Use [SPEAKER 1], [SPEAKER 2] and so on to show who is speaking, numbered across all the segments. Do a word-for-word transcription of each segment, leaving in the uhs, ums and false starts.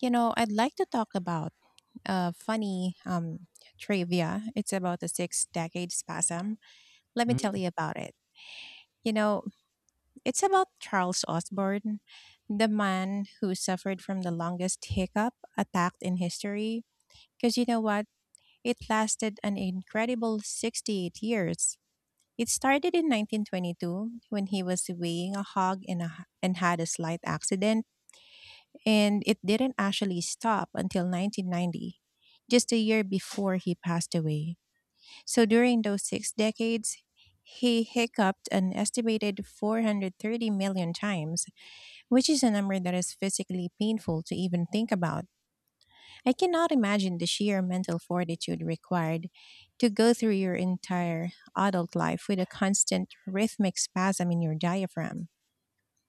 [SPEAKER 1] You know, I'd like to talk about a funny um, trivia. It's about the six decade spasm. Let me tell
[SPEAKER 2] Mhm.
[SPEAKER 1] you about it. You know, it's about Charles Osborne, the man who suffered from the longest hiccup attack in history. Because you know what? It lasted an incredible sixty-eight years. It started in nineteen twenty-two when he was weighing a hog in a, and had a slight accident. And it didn't actually stop until nineteen ninety, just a year before he passed away. So during those six decades, he hiccuped an estimated 430 million times, which is a number that is physically painful to even think about. I cannot imagine the sheer mental fortitude required to go through your entire adult life with a constant rhythmic spasm in your diaphragm.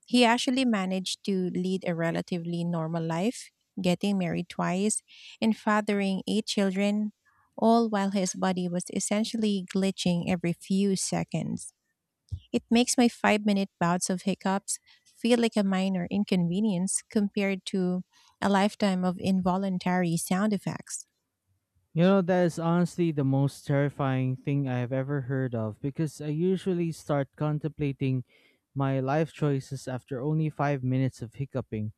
[SPEAKER 1] He actually managed to lead a relatively normal life, getting married twice and fathering eight children, all while his body was essentially glitching every few seconds. It makes my five minute bouts of hiccups feel like a minor inconvenience compared to a lifetime of involuntary sound effects.
[SPEAKER 2] You know, that is honestly the most terrifying thing I have ever heard of because I usually start contemplating my life choices after only five minutes of hiccuping.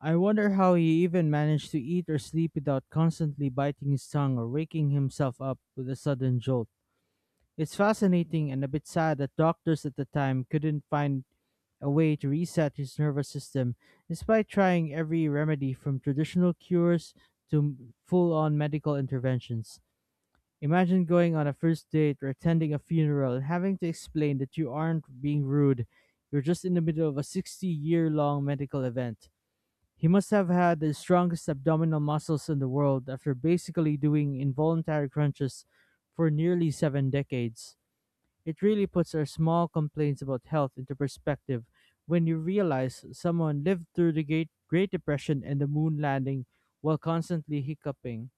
[SPEAKER 2] I wonder how he even managed to eat or sleep without constantly biting his tongue or waking himself up with a sudden jolt. It's fascinating and a bit sad that doctors at the time couldn't find a way to reset his nervous system despite trying every remedy from traditional cures to full on medical interventions. Imagine going on a first date or attending a funeral and having to explain that you aren't being rude. You're just in the middle of a sixty year long medical event. He must have had the strongest abdominal muscles in the world after basically doing involuntary crunches for nearly seven decades. It really puts our small complaints about health into perspective when you realize someone lived through the Great Great Depression and the moon landing while constantly hiccuping.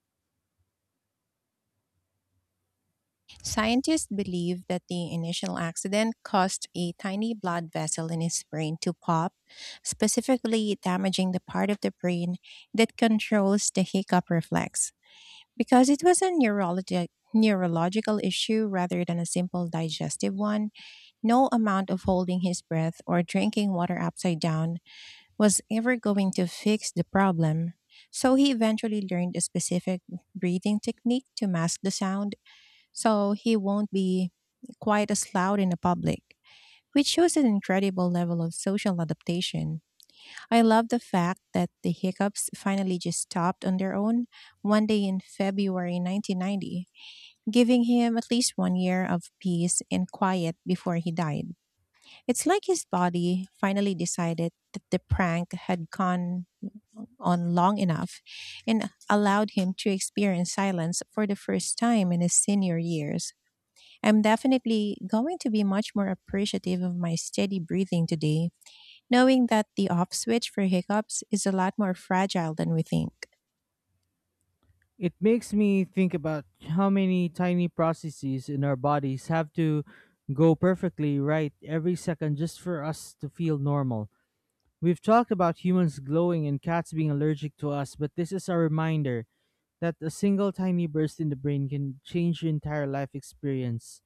[SPEAKER 1] Scientists believe that the initial accident caused a tiny blood vessel in his brain to pop, specifically damaging the part of the brain that controls the hiccup reflex. Because it was a neurologi- neurological issue rather than a simple digestive one, no amount of holding his breath or drinking water upside down was ever going to fix the problem. So he eventually learned a specific breathing technique to mask the sound, so he won't be quite as loud in the public, which shows an incredible level of social adaptation. I love the fact that the hiccups finally just stopped on their own one day in February nineteen ninety, giving him at least one year of peace and quiet before he died. It's like his body finally decided that the prank had gone on long enough and allowed him to experience silence for the first time in his senior years. I'm definitely going to be much more appreciative of my steady breathing today, knowing that the off switch for hiccups is a lot more fragile than we think.
[SPEAKER 2] It makes me think about how many tiny processes in our bodies have to go perfectly right every second just for us to feel normal. We've talked about humans glowing and cats being allergic to us, but this is a reminder that a single tiny burst in the brain can change your entire life experience.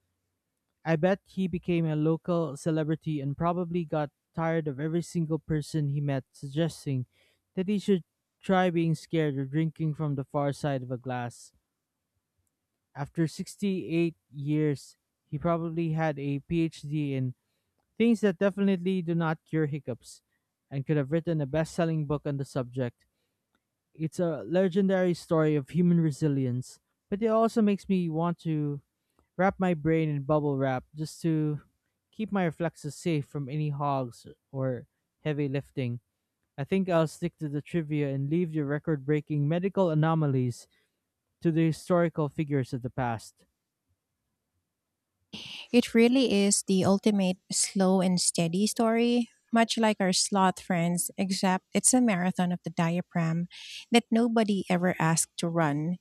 [SPEAKER 2] I bet he became a local celebrity and probably got tired of every single person he met suggesting that he should try being scared or drinking from the far side of a glass. After sixty-eight years, he probably had a PhD in things that definitely do not cure hiccups and could have written a best selling book on the subject. It's a legendary story of human resilience, but it also makes me want to wrap my brain in bubble wrap just to keep my reflexes safe from any hogs or heavy lifting. I think I'll stick to the trivia and leave the record breaking medical anomalies to the historical figures of the past.
[SPEAKER 1] It really is the ultimate slow and steady story, much like our sloth friends, except it's a marathon of the diaphragm that nobody ever asked to run.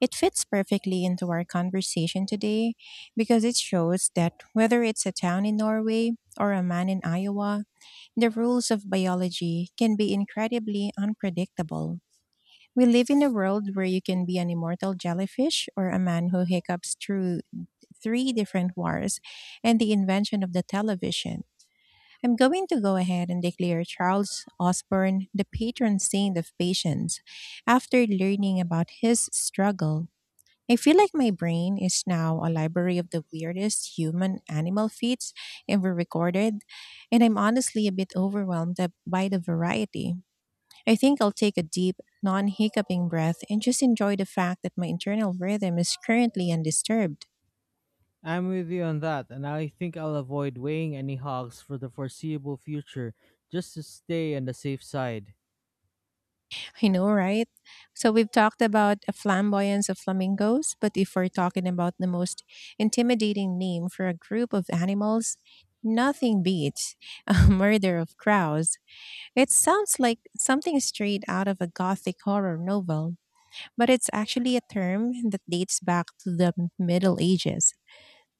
[SPEAKER 1] It fits perfectly into our conversation today, because it shows that whether it's a town in Norway or a man in Iowa, the rules of biology can be incredibly unpredictable. We live in a world where you can be an immortal jellyfish or a man who hiccups through three different wars and the invention of the television. I'm going to go ahead and declare Charles Osborne the patron saint of patience. After learning about his struggle, I feel like my brain is now a library of the weirdest human animal feats ever recorded, and I'm honestly a bit overwhelmed ab- by the variety. I think I'll take a deep, non hiccuping breath and just enjoy the fact that my internal rhythm is currently undisturbed.
[SPEAKER 2] I'm with you on that, and I think I'll avoid weighing any hogs for the foreseeable future just to stay on the safe side.
[SPEAKER 1] I know, right? So, we've talked about a flamboyance of flamingos, but if we're talking about the most intimidating name for a group of animals, nothing beats a murder of crows. It sounds like something straight out of a gothic horror novel, but it's actually a term that dates back to the M- Middle Ages.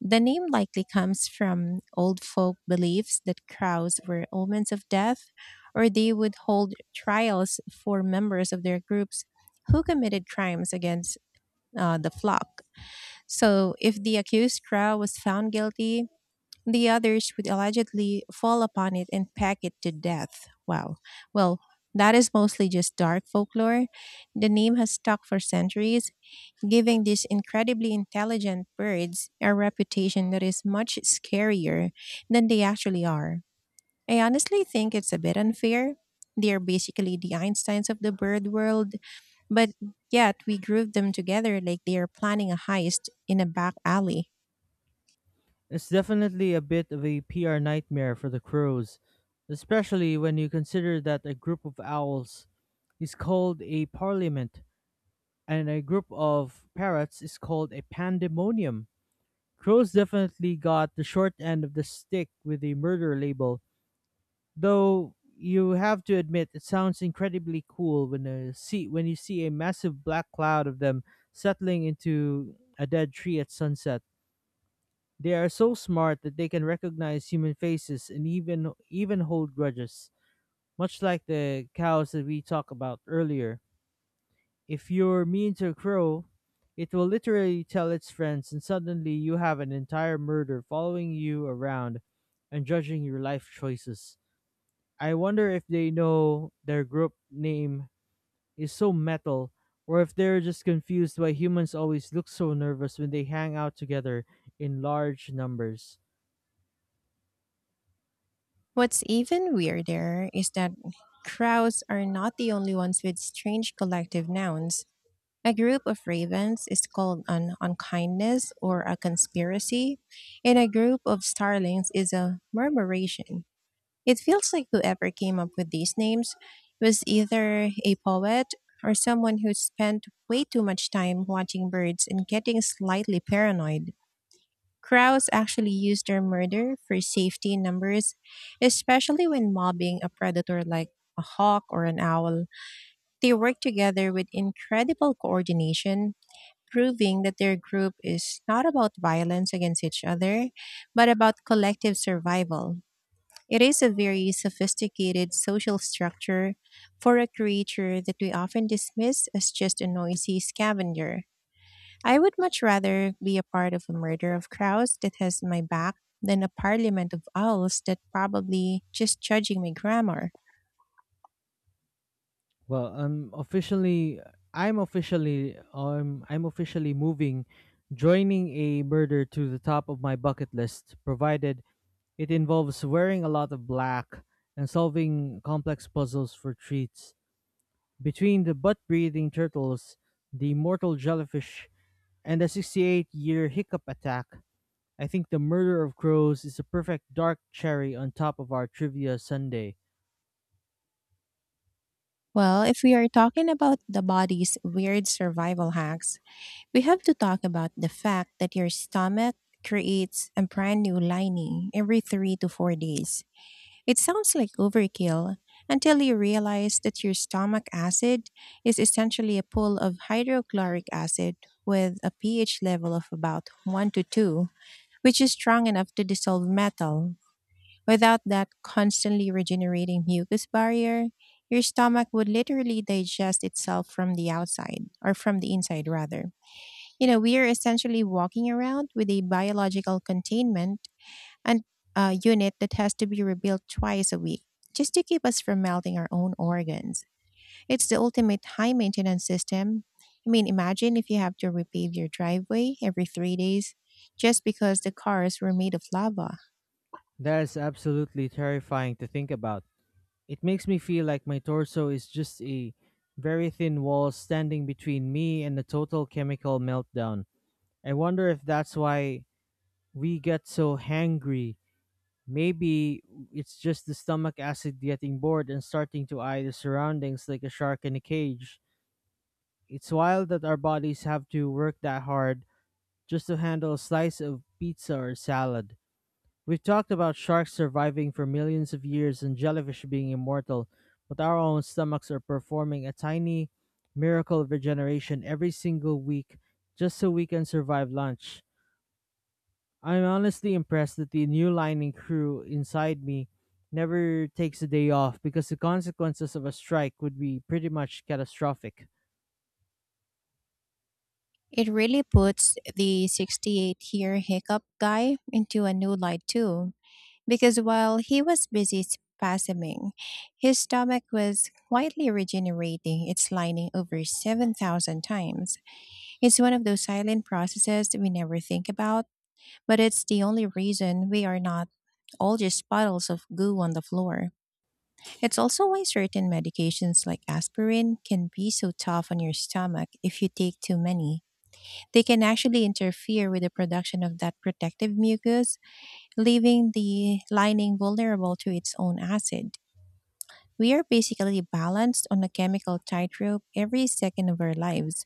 [SPEAKER 1] The name likely comes from old folk beliefs that crows were omens of death, or they would hold trials for members of their groups who committed crimes against uh, the flock. So, if the accused crow was found guilty, the others would allegedly fall upon it and peck it to death. Wow. Well, that is mostly just dark folklore. The name has stuck for centuries, giving these incredibly intelligent birds a reputation that is much scarier than they actually are. I honestly think it's a bit unfair. They are basically the Einsteins of the bird world, but yet we group them together like they are planning a heist in a back alley.
[SPEAKER 2] It's definitely a bit of a P R nightmare for the crows, especially when you consider that a group of owls is called a parliament and a group of parrots is called a pandemonium. Crows definitely got the short end of the stick with the murder label, though you have to admit it sounds incredibly cool when a see when you see a massive black cloud of them settling into a dead tree at sunset. They are so smart that they can recognize human faces and even even hold grudges, much like the cows that we talked about earlier. If you're mean to a crow, it will literally tell its friends and suddenly you have an entire murder following you around and judging your life choices. I wonder if they know their group name is so metal or if they're just confused why humans always look so nervous when they hang out together in large numbers.
[SPEAKER 1] What's even weirder is that crows are not the only ones with strange collective nouns. A group of ravens is called an unkindness or a conspiracy, and a group of starlings is a murmuration. It feels like whoever came up with these names was either a poet or someone who spent way too much time watching birds and getting slightly paranoid. Crowds actually use their murder for safety numbers, especially when mobbing a predator like a hawk or an owl. They work together with incredible coordination, proving that their group is not about violence against each other, but about collective survival. It is a very sophisticated social structure for a creature that we often dismiss as just a noisy scavenger. I would much rather be a part of a murder of crows that has my back than a parliament of owls that probably just judging my grammar.
[SPEAKER 2] Well, I'm officially I'm officially um, I'm officially moving joining a murder to the top of my bucket list, provided it involves wearing a lot of black and solving complex puzzles for treats. Between the butt breathing turtles, the mortal jellyfish, and a sixty-eight year hiccup attack, I think The Murder of Crows is a perfect dark cherry on top of our trivia Sunday.
[SPEAKER 1] Well, if we are talking about the body's weird survival hacks, we have to talk about the fact that your stomach creates a brand new lining every three to four days. It sounds like overkill until you realize that your stomach acid is essentially a pool of hydrochloric acid with a pH level of about one to two, which is strong enough to dissolve metal. Without that constantly regenerating mucus barrier, your stomach would literally digest itself from the outside, or from the inside rather. You know, we are essentially walking around with a biological containment and a unit that has to be rebuilt twice a week just to keep us from melting our own organs. It's the ultimate high maintenance system. I mean, imagine if you have to repave your driveway every three days just because the cars were made of lava.
[SPEAKER 2] That is absolutely terrifying to think about. It makes me feel like my torso is just a very thin wall standing between me and a total chemical meltdown. I wonder if that's why we get so hangry. Maybe it's just the stomach acid getting bored and starting to eye the surroundings like a shark in a cage. It's wild that our bodies have to work that hard just to handle a slice of pizza or salad. We've talked about sharks surviving for millions of years and jellyfish being immortal, but our own stomachs are performing a tiny miracle of regeneration every single week just so we can survive lunch. I'm honestly impressed that the new lining crew inside me never takes a day off, because the consequences of a strike would be pretty much catastrophic.
[SPEAKER 1] It really puts the sixty-eight year hiccup guy into a new light, too, because while he was busy spasming, his stomach was quietly regenerating its lining over seven thousand times. It's one of those silent processes that we never think about, but it's the only reason we are not all just puddles of goo on the floor. It's also why certain medications like aspirin can be so tough on your stomach if you take too many. They can actually interfere with the production of that protective mucus, leaving the lining vulnerable to its own acid. We are basically balanced on a chemical tightrope every second of our lives.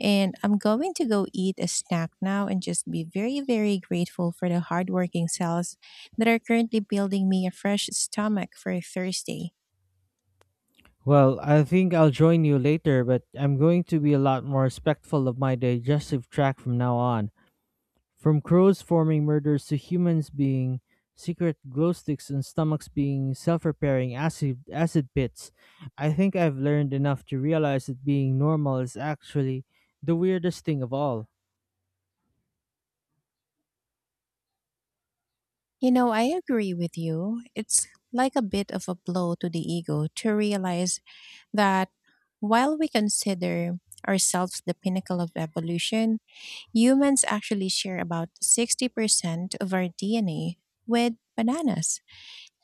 [SPEAKER 1] And I'm going to go eat a snack now and just be very, very grateful for the hardworking cells that are currently building me a fresh stomach for Thursday.
[SPEAKER 2] Well, I think I'll join you later, but I'm going to be a lot more respectful of my digestive tract from now on. From crows forming murders to humans being secret glow sticks and stomachs being self-repairing acid acid pits, I think I've learned enough to realize that being normal is actually the weirdest thing of all.
[SPEAKER 1] You know, I agree with you. It's like a bit of a blow to the ego to realize that while we consider ourselves the pinnacle of evolution, humans actually share about sixty percent of our D N A with bananas.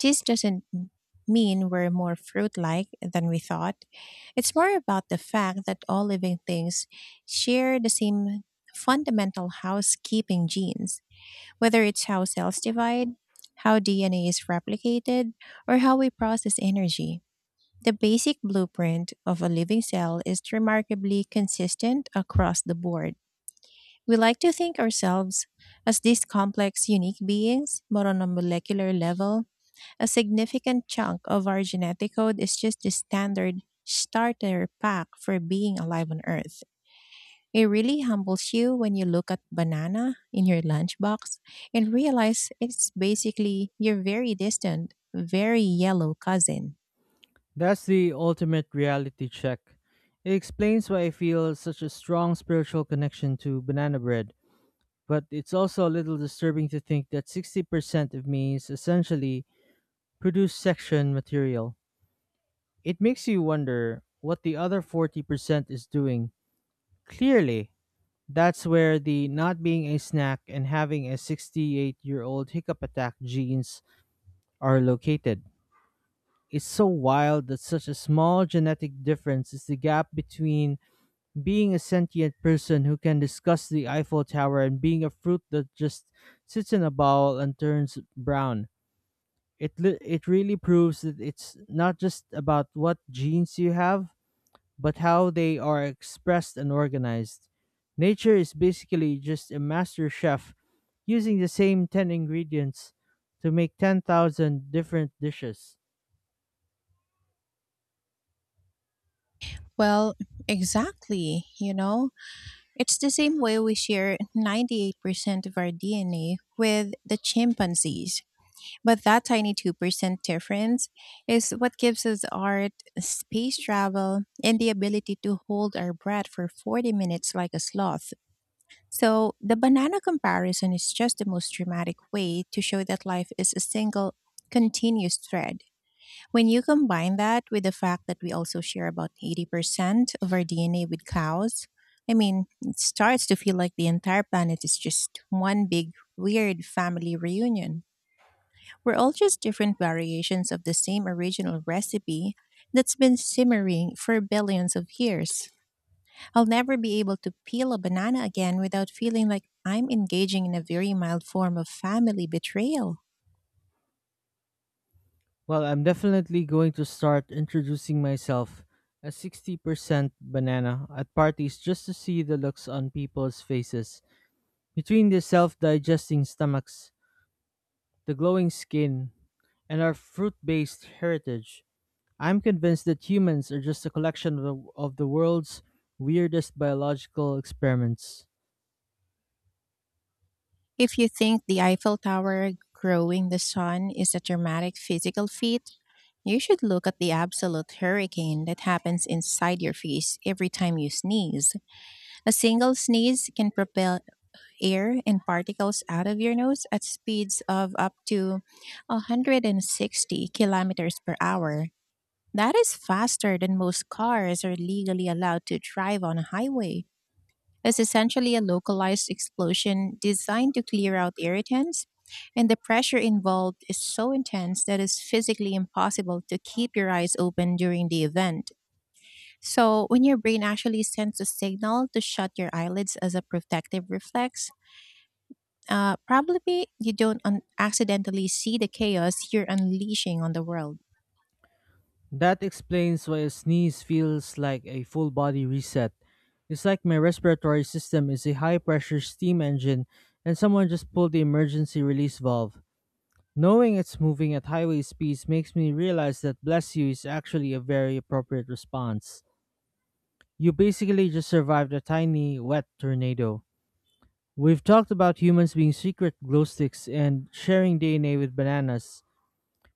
[SPEAKER 1] This doesn't m- mean we're more fruit like than we thought. It's more about the fact that all living things share the same fundamental housekeeping genes, whether it's how cells divide, how D N A is replicated, or how we process energy. The basic blueprint of a living cell is remarkably consistent across the board. We like to think ourselves as these complex, unique beings, but on a molecular level, a significant chunk of our genetic code is just the standard starter pack for being alive on Earth. It really humbles you when you look at banana in your lunchbox and realize it's basically your very distant, very yellow cousin.
[SPEAKER 2] That's the ultimate reality check. It explains why I feel such a strong spiritual connection to banana bread. But it's also a little disturbing to think that sixty percent of me is essentially produce section material. It makes you wonder what the other forty percent is doing. Clearly, that's where the not being a snack and having a sixty-eight year old hiccup attack genes are located. It's so wild that such a small genetic difference is the gap between being a sentient person who can discuss the Eiffel Tower and being a fruit that just sits in a bowl and turns brown. It, li- it really proves that it's not just about what genes you have, but how they are expressed and organized. Nature is basically just a master chef using the same ten ingredients to make ten thousand different dishes.
[SPEAKER 1] Well, exactly, you know? It's the same way we share ninety-eight percent of our D N A with the chimpanzees. But that tiny two percent difference is what gives us art, space travel, and the ability to hold our breath for forty minutes like a sloth. So, the banana comparison is just the most dramatic way to show that life is a single, continuous thread. When you combine that with the fact that we also share about eighty percent of our D N A with cows, I mean, it starts to feel like the entire planet is just one big, weird family reunion. We're all just different variations of the same original recipe that's been simmering for billions of years. I'll never be able to peel a banana again without feeling like I'm engaging in a very mild form of family betrayal.
[SPEAKER 2] Well, I'm definitely going to start introducing myself as sixty percent banana at parties just to see the looks on people's faces. Between their self digesting stomachs, the glowing skin, and our fruit based heritage, I'm convinced that humans are just a collection of the, of the world's weirdest biological experiments.
[SPEAKER 1] If you think the Eiffel Tower growing the sun is a dramatic physical feat, you should look at the absolute hurricane that happens inside your face every time you sneeze. A single sneeze can propel air and particles out of your nose at speeds of up to one hundred sixty kilometers per hour. That is faster than most cars are legally allowed to drive on a highway. It's essentially a localized explosion designed to clear out irritants, and the pressure involved is so intense that it's physically impossible to keep your eyes open during the event. So, when your brain actually sends a signal to shut your eyelids as a protective reflex, uh, probably you don't un- accidentally see the chaos you're unleashing on the world.
[SPEAKER 2] That explains why a sneeze feels like a full body reset. It's like my respiratory system is a high pressure steam engine and someone just pulled the emergency release valve. Knowing it's moving at highway speeds makes me realize that bless you is actually a very appropriate response. You basically just survived a tiny, wet tornado. We've talked about humans being secret glow sticks and sharing D N A with bananas,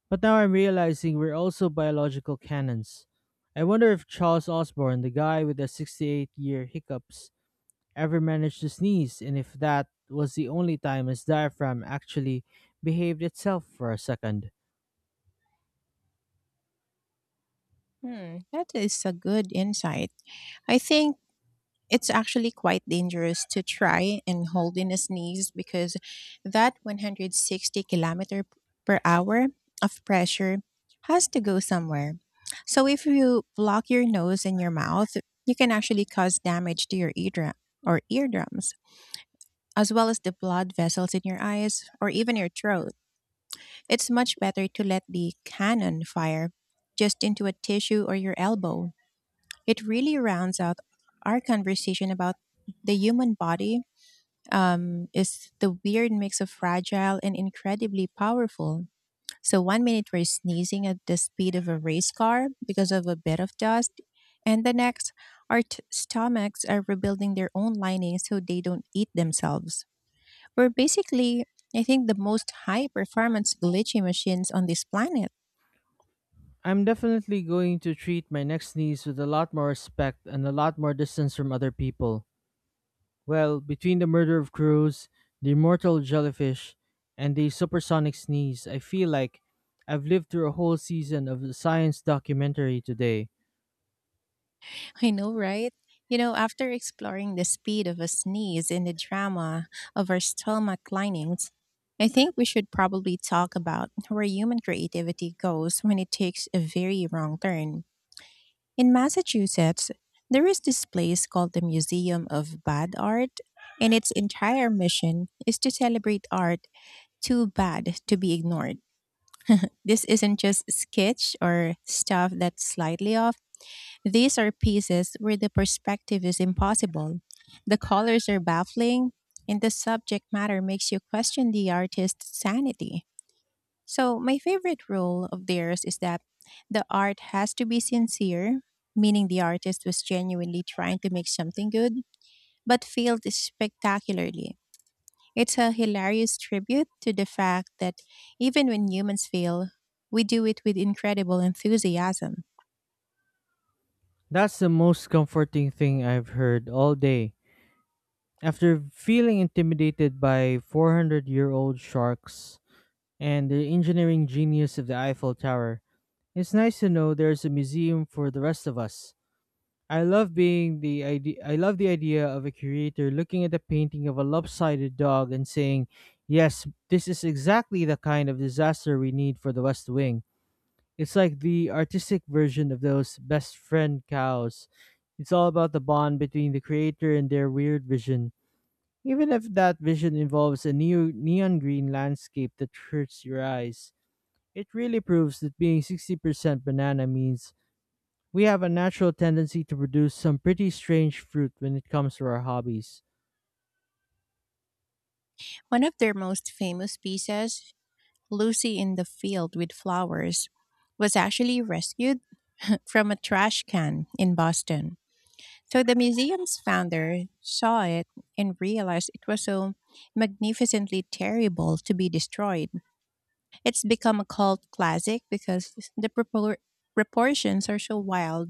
[SPEAKER 2] but now I'm realizing we're also biological cannons. I wonder if Charles Osborne, the guy with the sixty-eight year hiccups, ever managed to sneeze, and if that was the only time his diaphragm actually behaved itself for a second.
[SPEAKER 1] Hmm, that is a good insight. I think it's actually quite dangerous to try and hold in a sneeze because that one hundred sixty kilometer p- per hour of pressure has to go somewhere. So if you block your nose and your mouth, you can actually cause damage to your eardrum or eardrums, as well as the blood vessels in your eyes or even your throat. It's much better to let the cannon fire just into a tissue or your elbow. It really rounds out our conversation about the human body um, is the weird mix of fragile and incredibly powerful. So one minute we're sneezing at the speed of a race car because of a bit of dust, and the next our t- stomachs are rebuilding their own linings so they don't eat themselves. We're basically, I think, the most high performance glitchy machines on this planet.
[SPEAKER 2] I'm definitely going to treat my next sneeze with a lot more respect and a lot more distance from other people. Well, between the murder of Cruz, the immortal jellyfish, and the supersonic sneeze, I feel like I've lived through a whole season of the science documentary today.
[SPEAKER 1] I know, right? You know, after exploring the speed of a sneeze and the drama of our stomach linings, I think we should probably talk about where human creativity goes when it takes a very wrong turn. In Massachusetts, there is this place called the Museum of Bad Art, and its entire mission is to celebrate art too bad to be ignored. This isn't just sketch or stuff that's slightly off. These are pieces where the perspective is impossible. The colors are baffling, and the subject matter makes you question the artist's sanity. So, my favorite rule of theirs is that the art has to be sincere, meaning the artist was genuinely trying to make something good, but failed spectacularly. It's a hilarious tribute to the fact that even when humans fail, we do it with incredible enthusiasm.
[SPEAKER 2] That's the most comforting thing I've heard all day. After feeling intimidated by four hundred year old sharks and the engineering genius of the Eiffel Tower, it's nice to know there's a museum for the rest of us. I love being the idea I love the idea of a curator looking at the painting of a lopsided dog and saying, "Yes, this is exactly the kind of disaster we need for the West Wing." It's like the artistic version of those best friend cows. It's all about the bond between the creator and their weird vision, even if that vision involves a neo- neon green landscape that hurts your eyes. It really proves that being sixty percent banana means we have a natural tendency to produce some pretty strange fruit when it comes to our hobbies.
[SPEAKER 1] One of their most famous pieces, Lucy in the Field with Flowers, was actually rescued from a trash can in Boston. So the museum's founder saw it and realized it was so magnificently terrible to be destroyed. It's become a cult classic because the propor- proportions are so wild.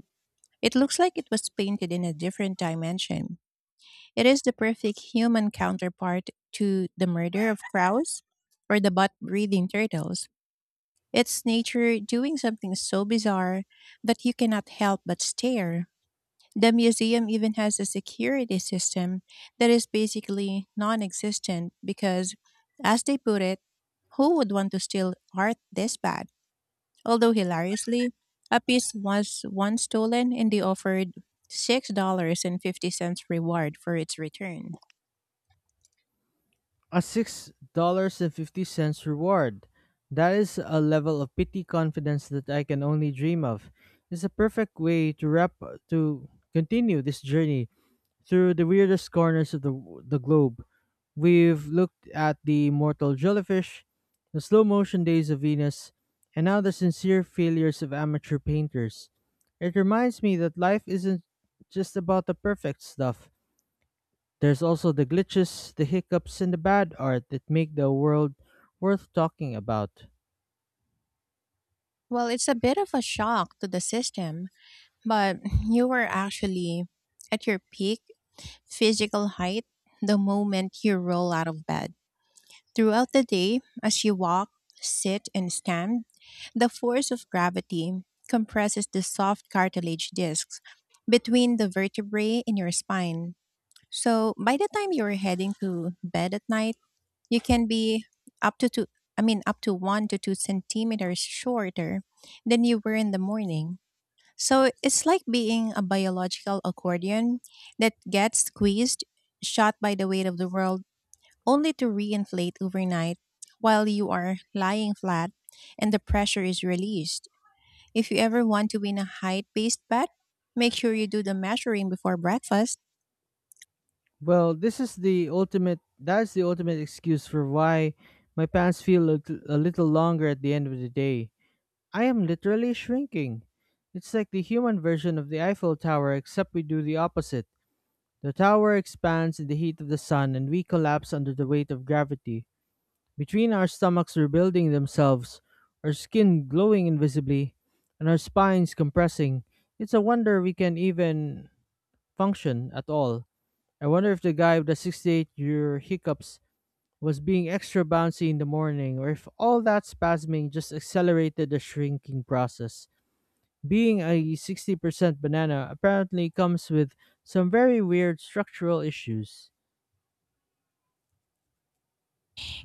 [SPEAKER 1] It looks like it was painted in a different dimension. It is the perfect human counterpart to the murder of crows or the butt breathing turtles. It's nature doing something so bizarre that you cannot help but stare. The museum even has a security system that is basically non existent because, as they put it, who would want to steal art this bad? Although, hilariously, a piece was once stolen and they offered six dollars and fifty cents reward for its return.
[SPEAKER 2] A six dollars and fifty cents reward. That is a level of pity confidence that I can only dream of. It's a perfect way to wrap to continue this journey through the weirdest corners of the, the globe. We've looked at the mortal jellyfish, the slow motion days of Venus, and now the sincere failures of amateur painters. It reminds me that life isn't just about the perfect stuff. There's also the glitches, the hiccups, and the bad art that make the world worth talking about.
[SPEAKER 1] Well, it's a bit of a shock to the system, but you were actually at your peak physical height the moment you roll out of bed. Throughout the day, as you walk, sit, and stand, the force of gravity compresses the soft cartilage discs between the vertebrae in your spine. So by the time you're heading to bed at night, you can be up to two, I mean, up to one to two centimeters shorter than you were in the morning. So it's like being a biological accordion that gets squeezed, shot by the weight of the world, only to reinflate overnight while you are lying flat and the pressure is released. If you ever want to win a height based bet, make sure you do the measuring before breakfast.
[SPEAKER 2] Well, this is the ultimate. That's the ultimate excuse for why my pants feel a, a little longer at the end of the day. I am literally shrinking. It's like the human version of the Eiffel Tower, except we do the opposite. The tower expands in the heat of the sun, and we collapse under the weight of gravity. Between our stomachs rebuilding themselves, our skin glowing invisibly, and our spines compressing, it's a wonder we can even function at all. I wonder if the guy with the sixty-eight year hiccups was being extra bouncy in the morning, or if all that spasming just accelerated the shrinking process. Being a sixty percent banana apparently comes with some very weird structural issues.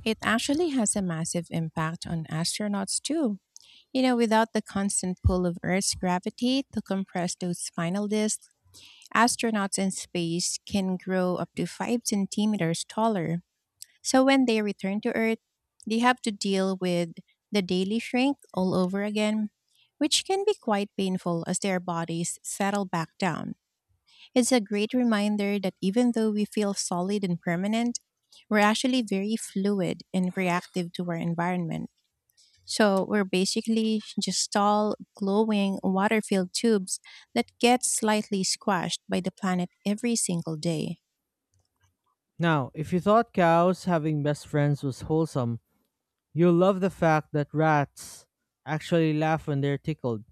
[SPEAKER 1] It actually has a massive impact on astronauts too. You know, without the constant pull of Earth's gravity to compress those spinal discs, astronauts in space can grow up to five centimeters taller, so when they return to Earth, they have to deal with the daily shrink all over again, which can be quite painful as their bodies settle back down. It's a great reminder that even though we feel solid and permanent, we're actually very fluid and reactive to our environment. So we're basically just tall, glowing, water filled tubes that get slightly squashed by the planet every single day.
[SPEAKER 2] Now, if you thought cows having best friends was wholesome, you'll love the fact that rats actually laugh when they're tickled.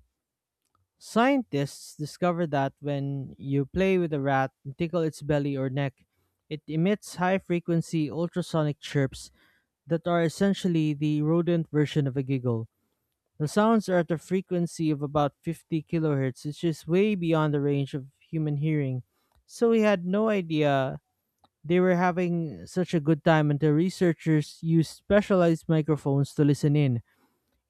[SPEAKER 2] Scientists discovered that when you play with a rat and tickle its belly or neck, it emits high frequency ultrasonic chirps that are essentially the rodent version of a giggle. The sounds are at a frequency of about fifty kilohertz, which is way beyond the range of human hearing. So we had no idea they were having such a good time until researchers used specialized microphones to listen in.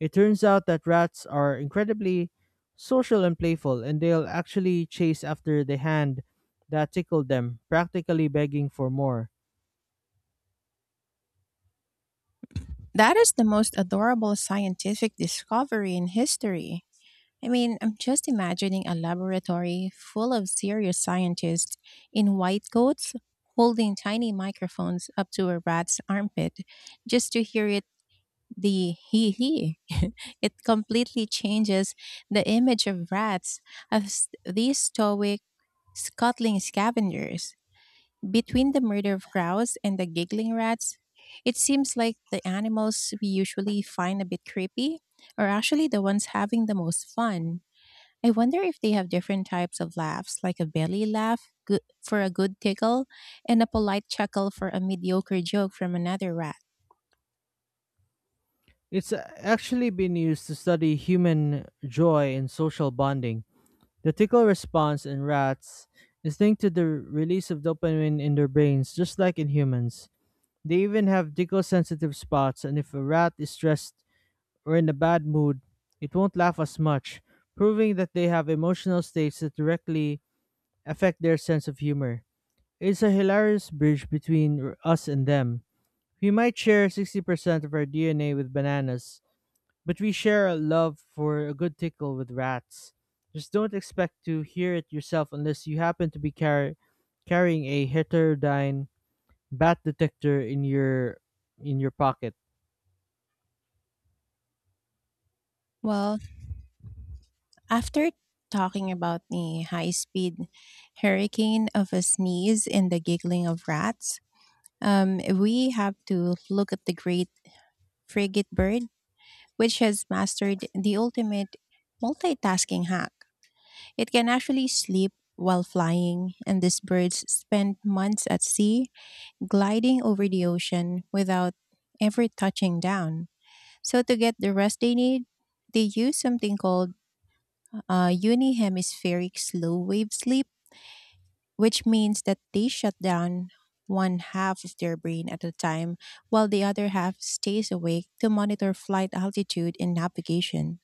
[SPEAKER 2] It turns out that rats are incredibly social and playful, and they'll actually chase after the hand that tickled them, practically begging for more.
[SPEAKER 1] That is the most adorable scientific discovery in history. I mean, I'm just imagining a laboratory full of serious scientists in white coats holding tiny microphones up to a rat's armpit just to hear it the hee hee. It completely changes the image of rats as these stoic, scuttling scavengers. Between the murder of crows and the giggling rats, it seems like the animals we usually find a bit creepy are actually the ones having the most fun. I wonder if they have different types of laughs, like a belly laugh good for a good tickle and a polite chuckle for a mediocre joke from another rat.
[SPEAKER 2] It's uh, actually been used to study human joy and social bonding. The tickle response in rats is linked to the release of dopamine in their brains, just like in humans. They even have tickle sensitive spots, and if a rat is stressed or in a bad mood, it won't laugh as much, proving that they have emotional states that directly affect their sense of humor. It's a hilarious bridge between r- us and them. We might share sixty percent of our D N A with bananas, but we share a love for a good tickle with rats. Just don't expect to hear it yourself unless you happen to be car- carrying a heterodyne bat detector in your in your pocket.
[SPEAKER 1] Well, after talking about the high speed hurricane of a sneeze and the giggling of rats, um, we have to look at the great frigate bird, which has mastered the ultimate multitasking hack. It can actually sleep while flying, and these birds spend months at sea, gliding over the ocean without ever touching down. So, to get the rest they need, they use something called uh, unihemispheric slow wave sleep, which means that they shut down one half of their brain at a time while the other half stays awake to monitor flight altitude and navigation.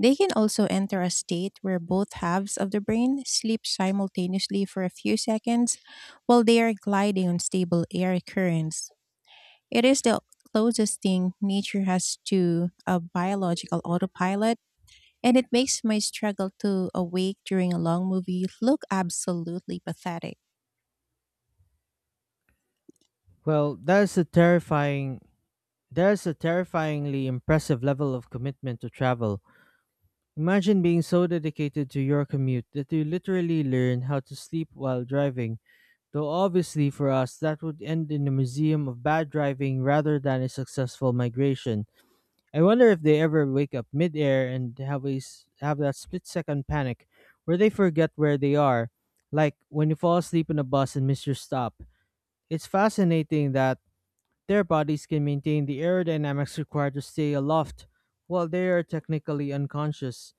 [SPEAKER 1] They can also enter a state where both halves of the brain sleep simultaneously for a few seconds while they are gliding on stable air currents. It is the closest thing nature has to a biological autopilot, and it makes my struggle to awake during a long movie look absolutely pathetic.
[SPEAKER 2] Well, that is a terrifying that is a terrifyingly impressive level of commitment to travel. Imagine being so dedicated to your commute that you literally learn how to sleep while driving. Though obviously for us that would end in a museum of bad driving rather than a successful migration. I wonder if they ever wake up midair and have a s- have that split second panic where they forget where they are, like when you fall asleep in a bus and miss your stop. It's fascinating that their bodies can maintain the aerodynamics required to stay aloft while they are technically unconscious.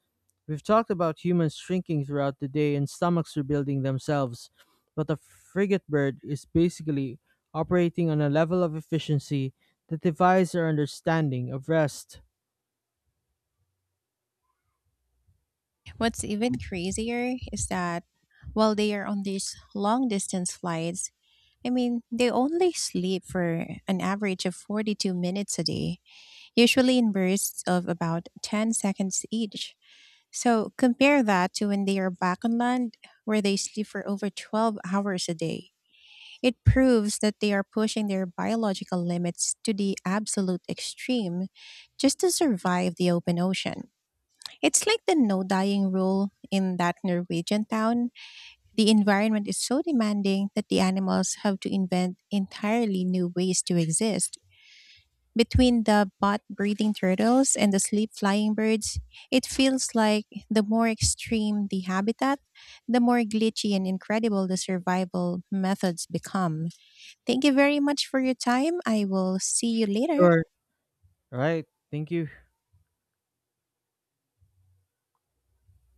[SPEAKER 2] We've talked about humans shrinking throughout the day and stomachs rebuilding themselves, but the frigate bird is basically operating on a level of efficiency that defies our understanding of rest.
[SPEAKER 1] What's even crazier is that while they are on these long distance flights, I mean, they only sleep for an average of forty-two minutes a day, usually in bursts of about ten seconds each. So compare that to when they are back on land, where they sleep for over twelve hours a day. It proves that they are pushing their biological limits to the absolute extreme just to survive the open ocean. It's like the no dying rule in that Norwegian town. The environment is so demanding that the animals have to invent entirely new ways to exist. Between the bot breathing turtles and the sleep flying birds, it feels like the more extreme the habitat, the more glitchy and incredible the survival methods become. Thank you very much for your time. I will see you later.
[SPEAKER 2] Sure. Right. Thank you.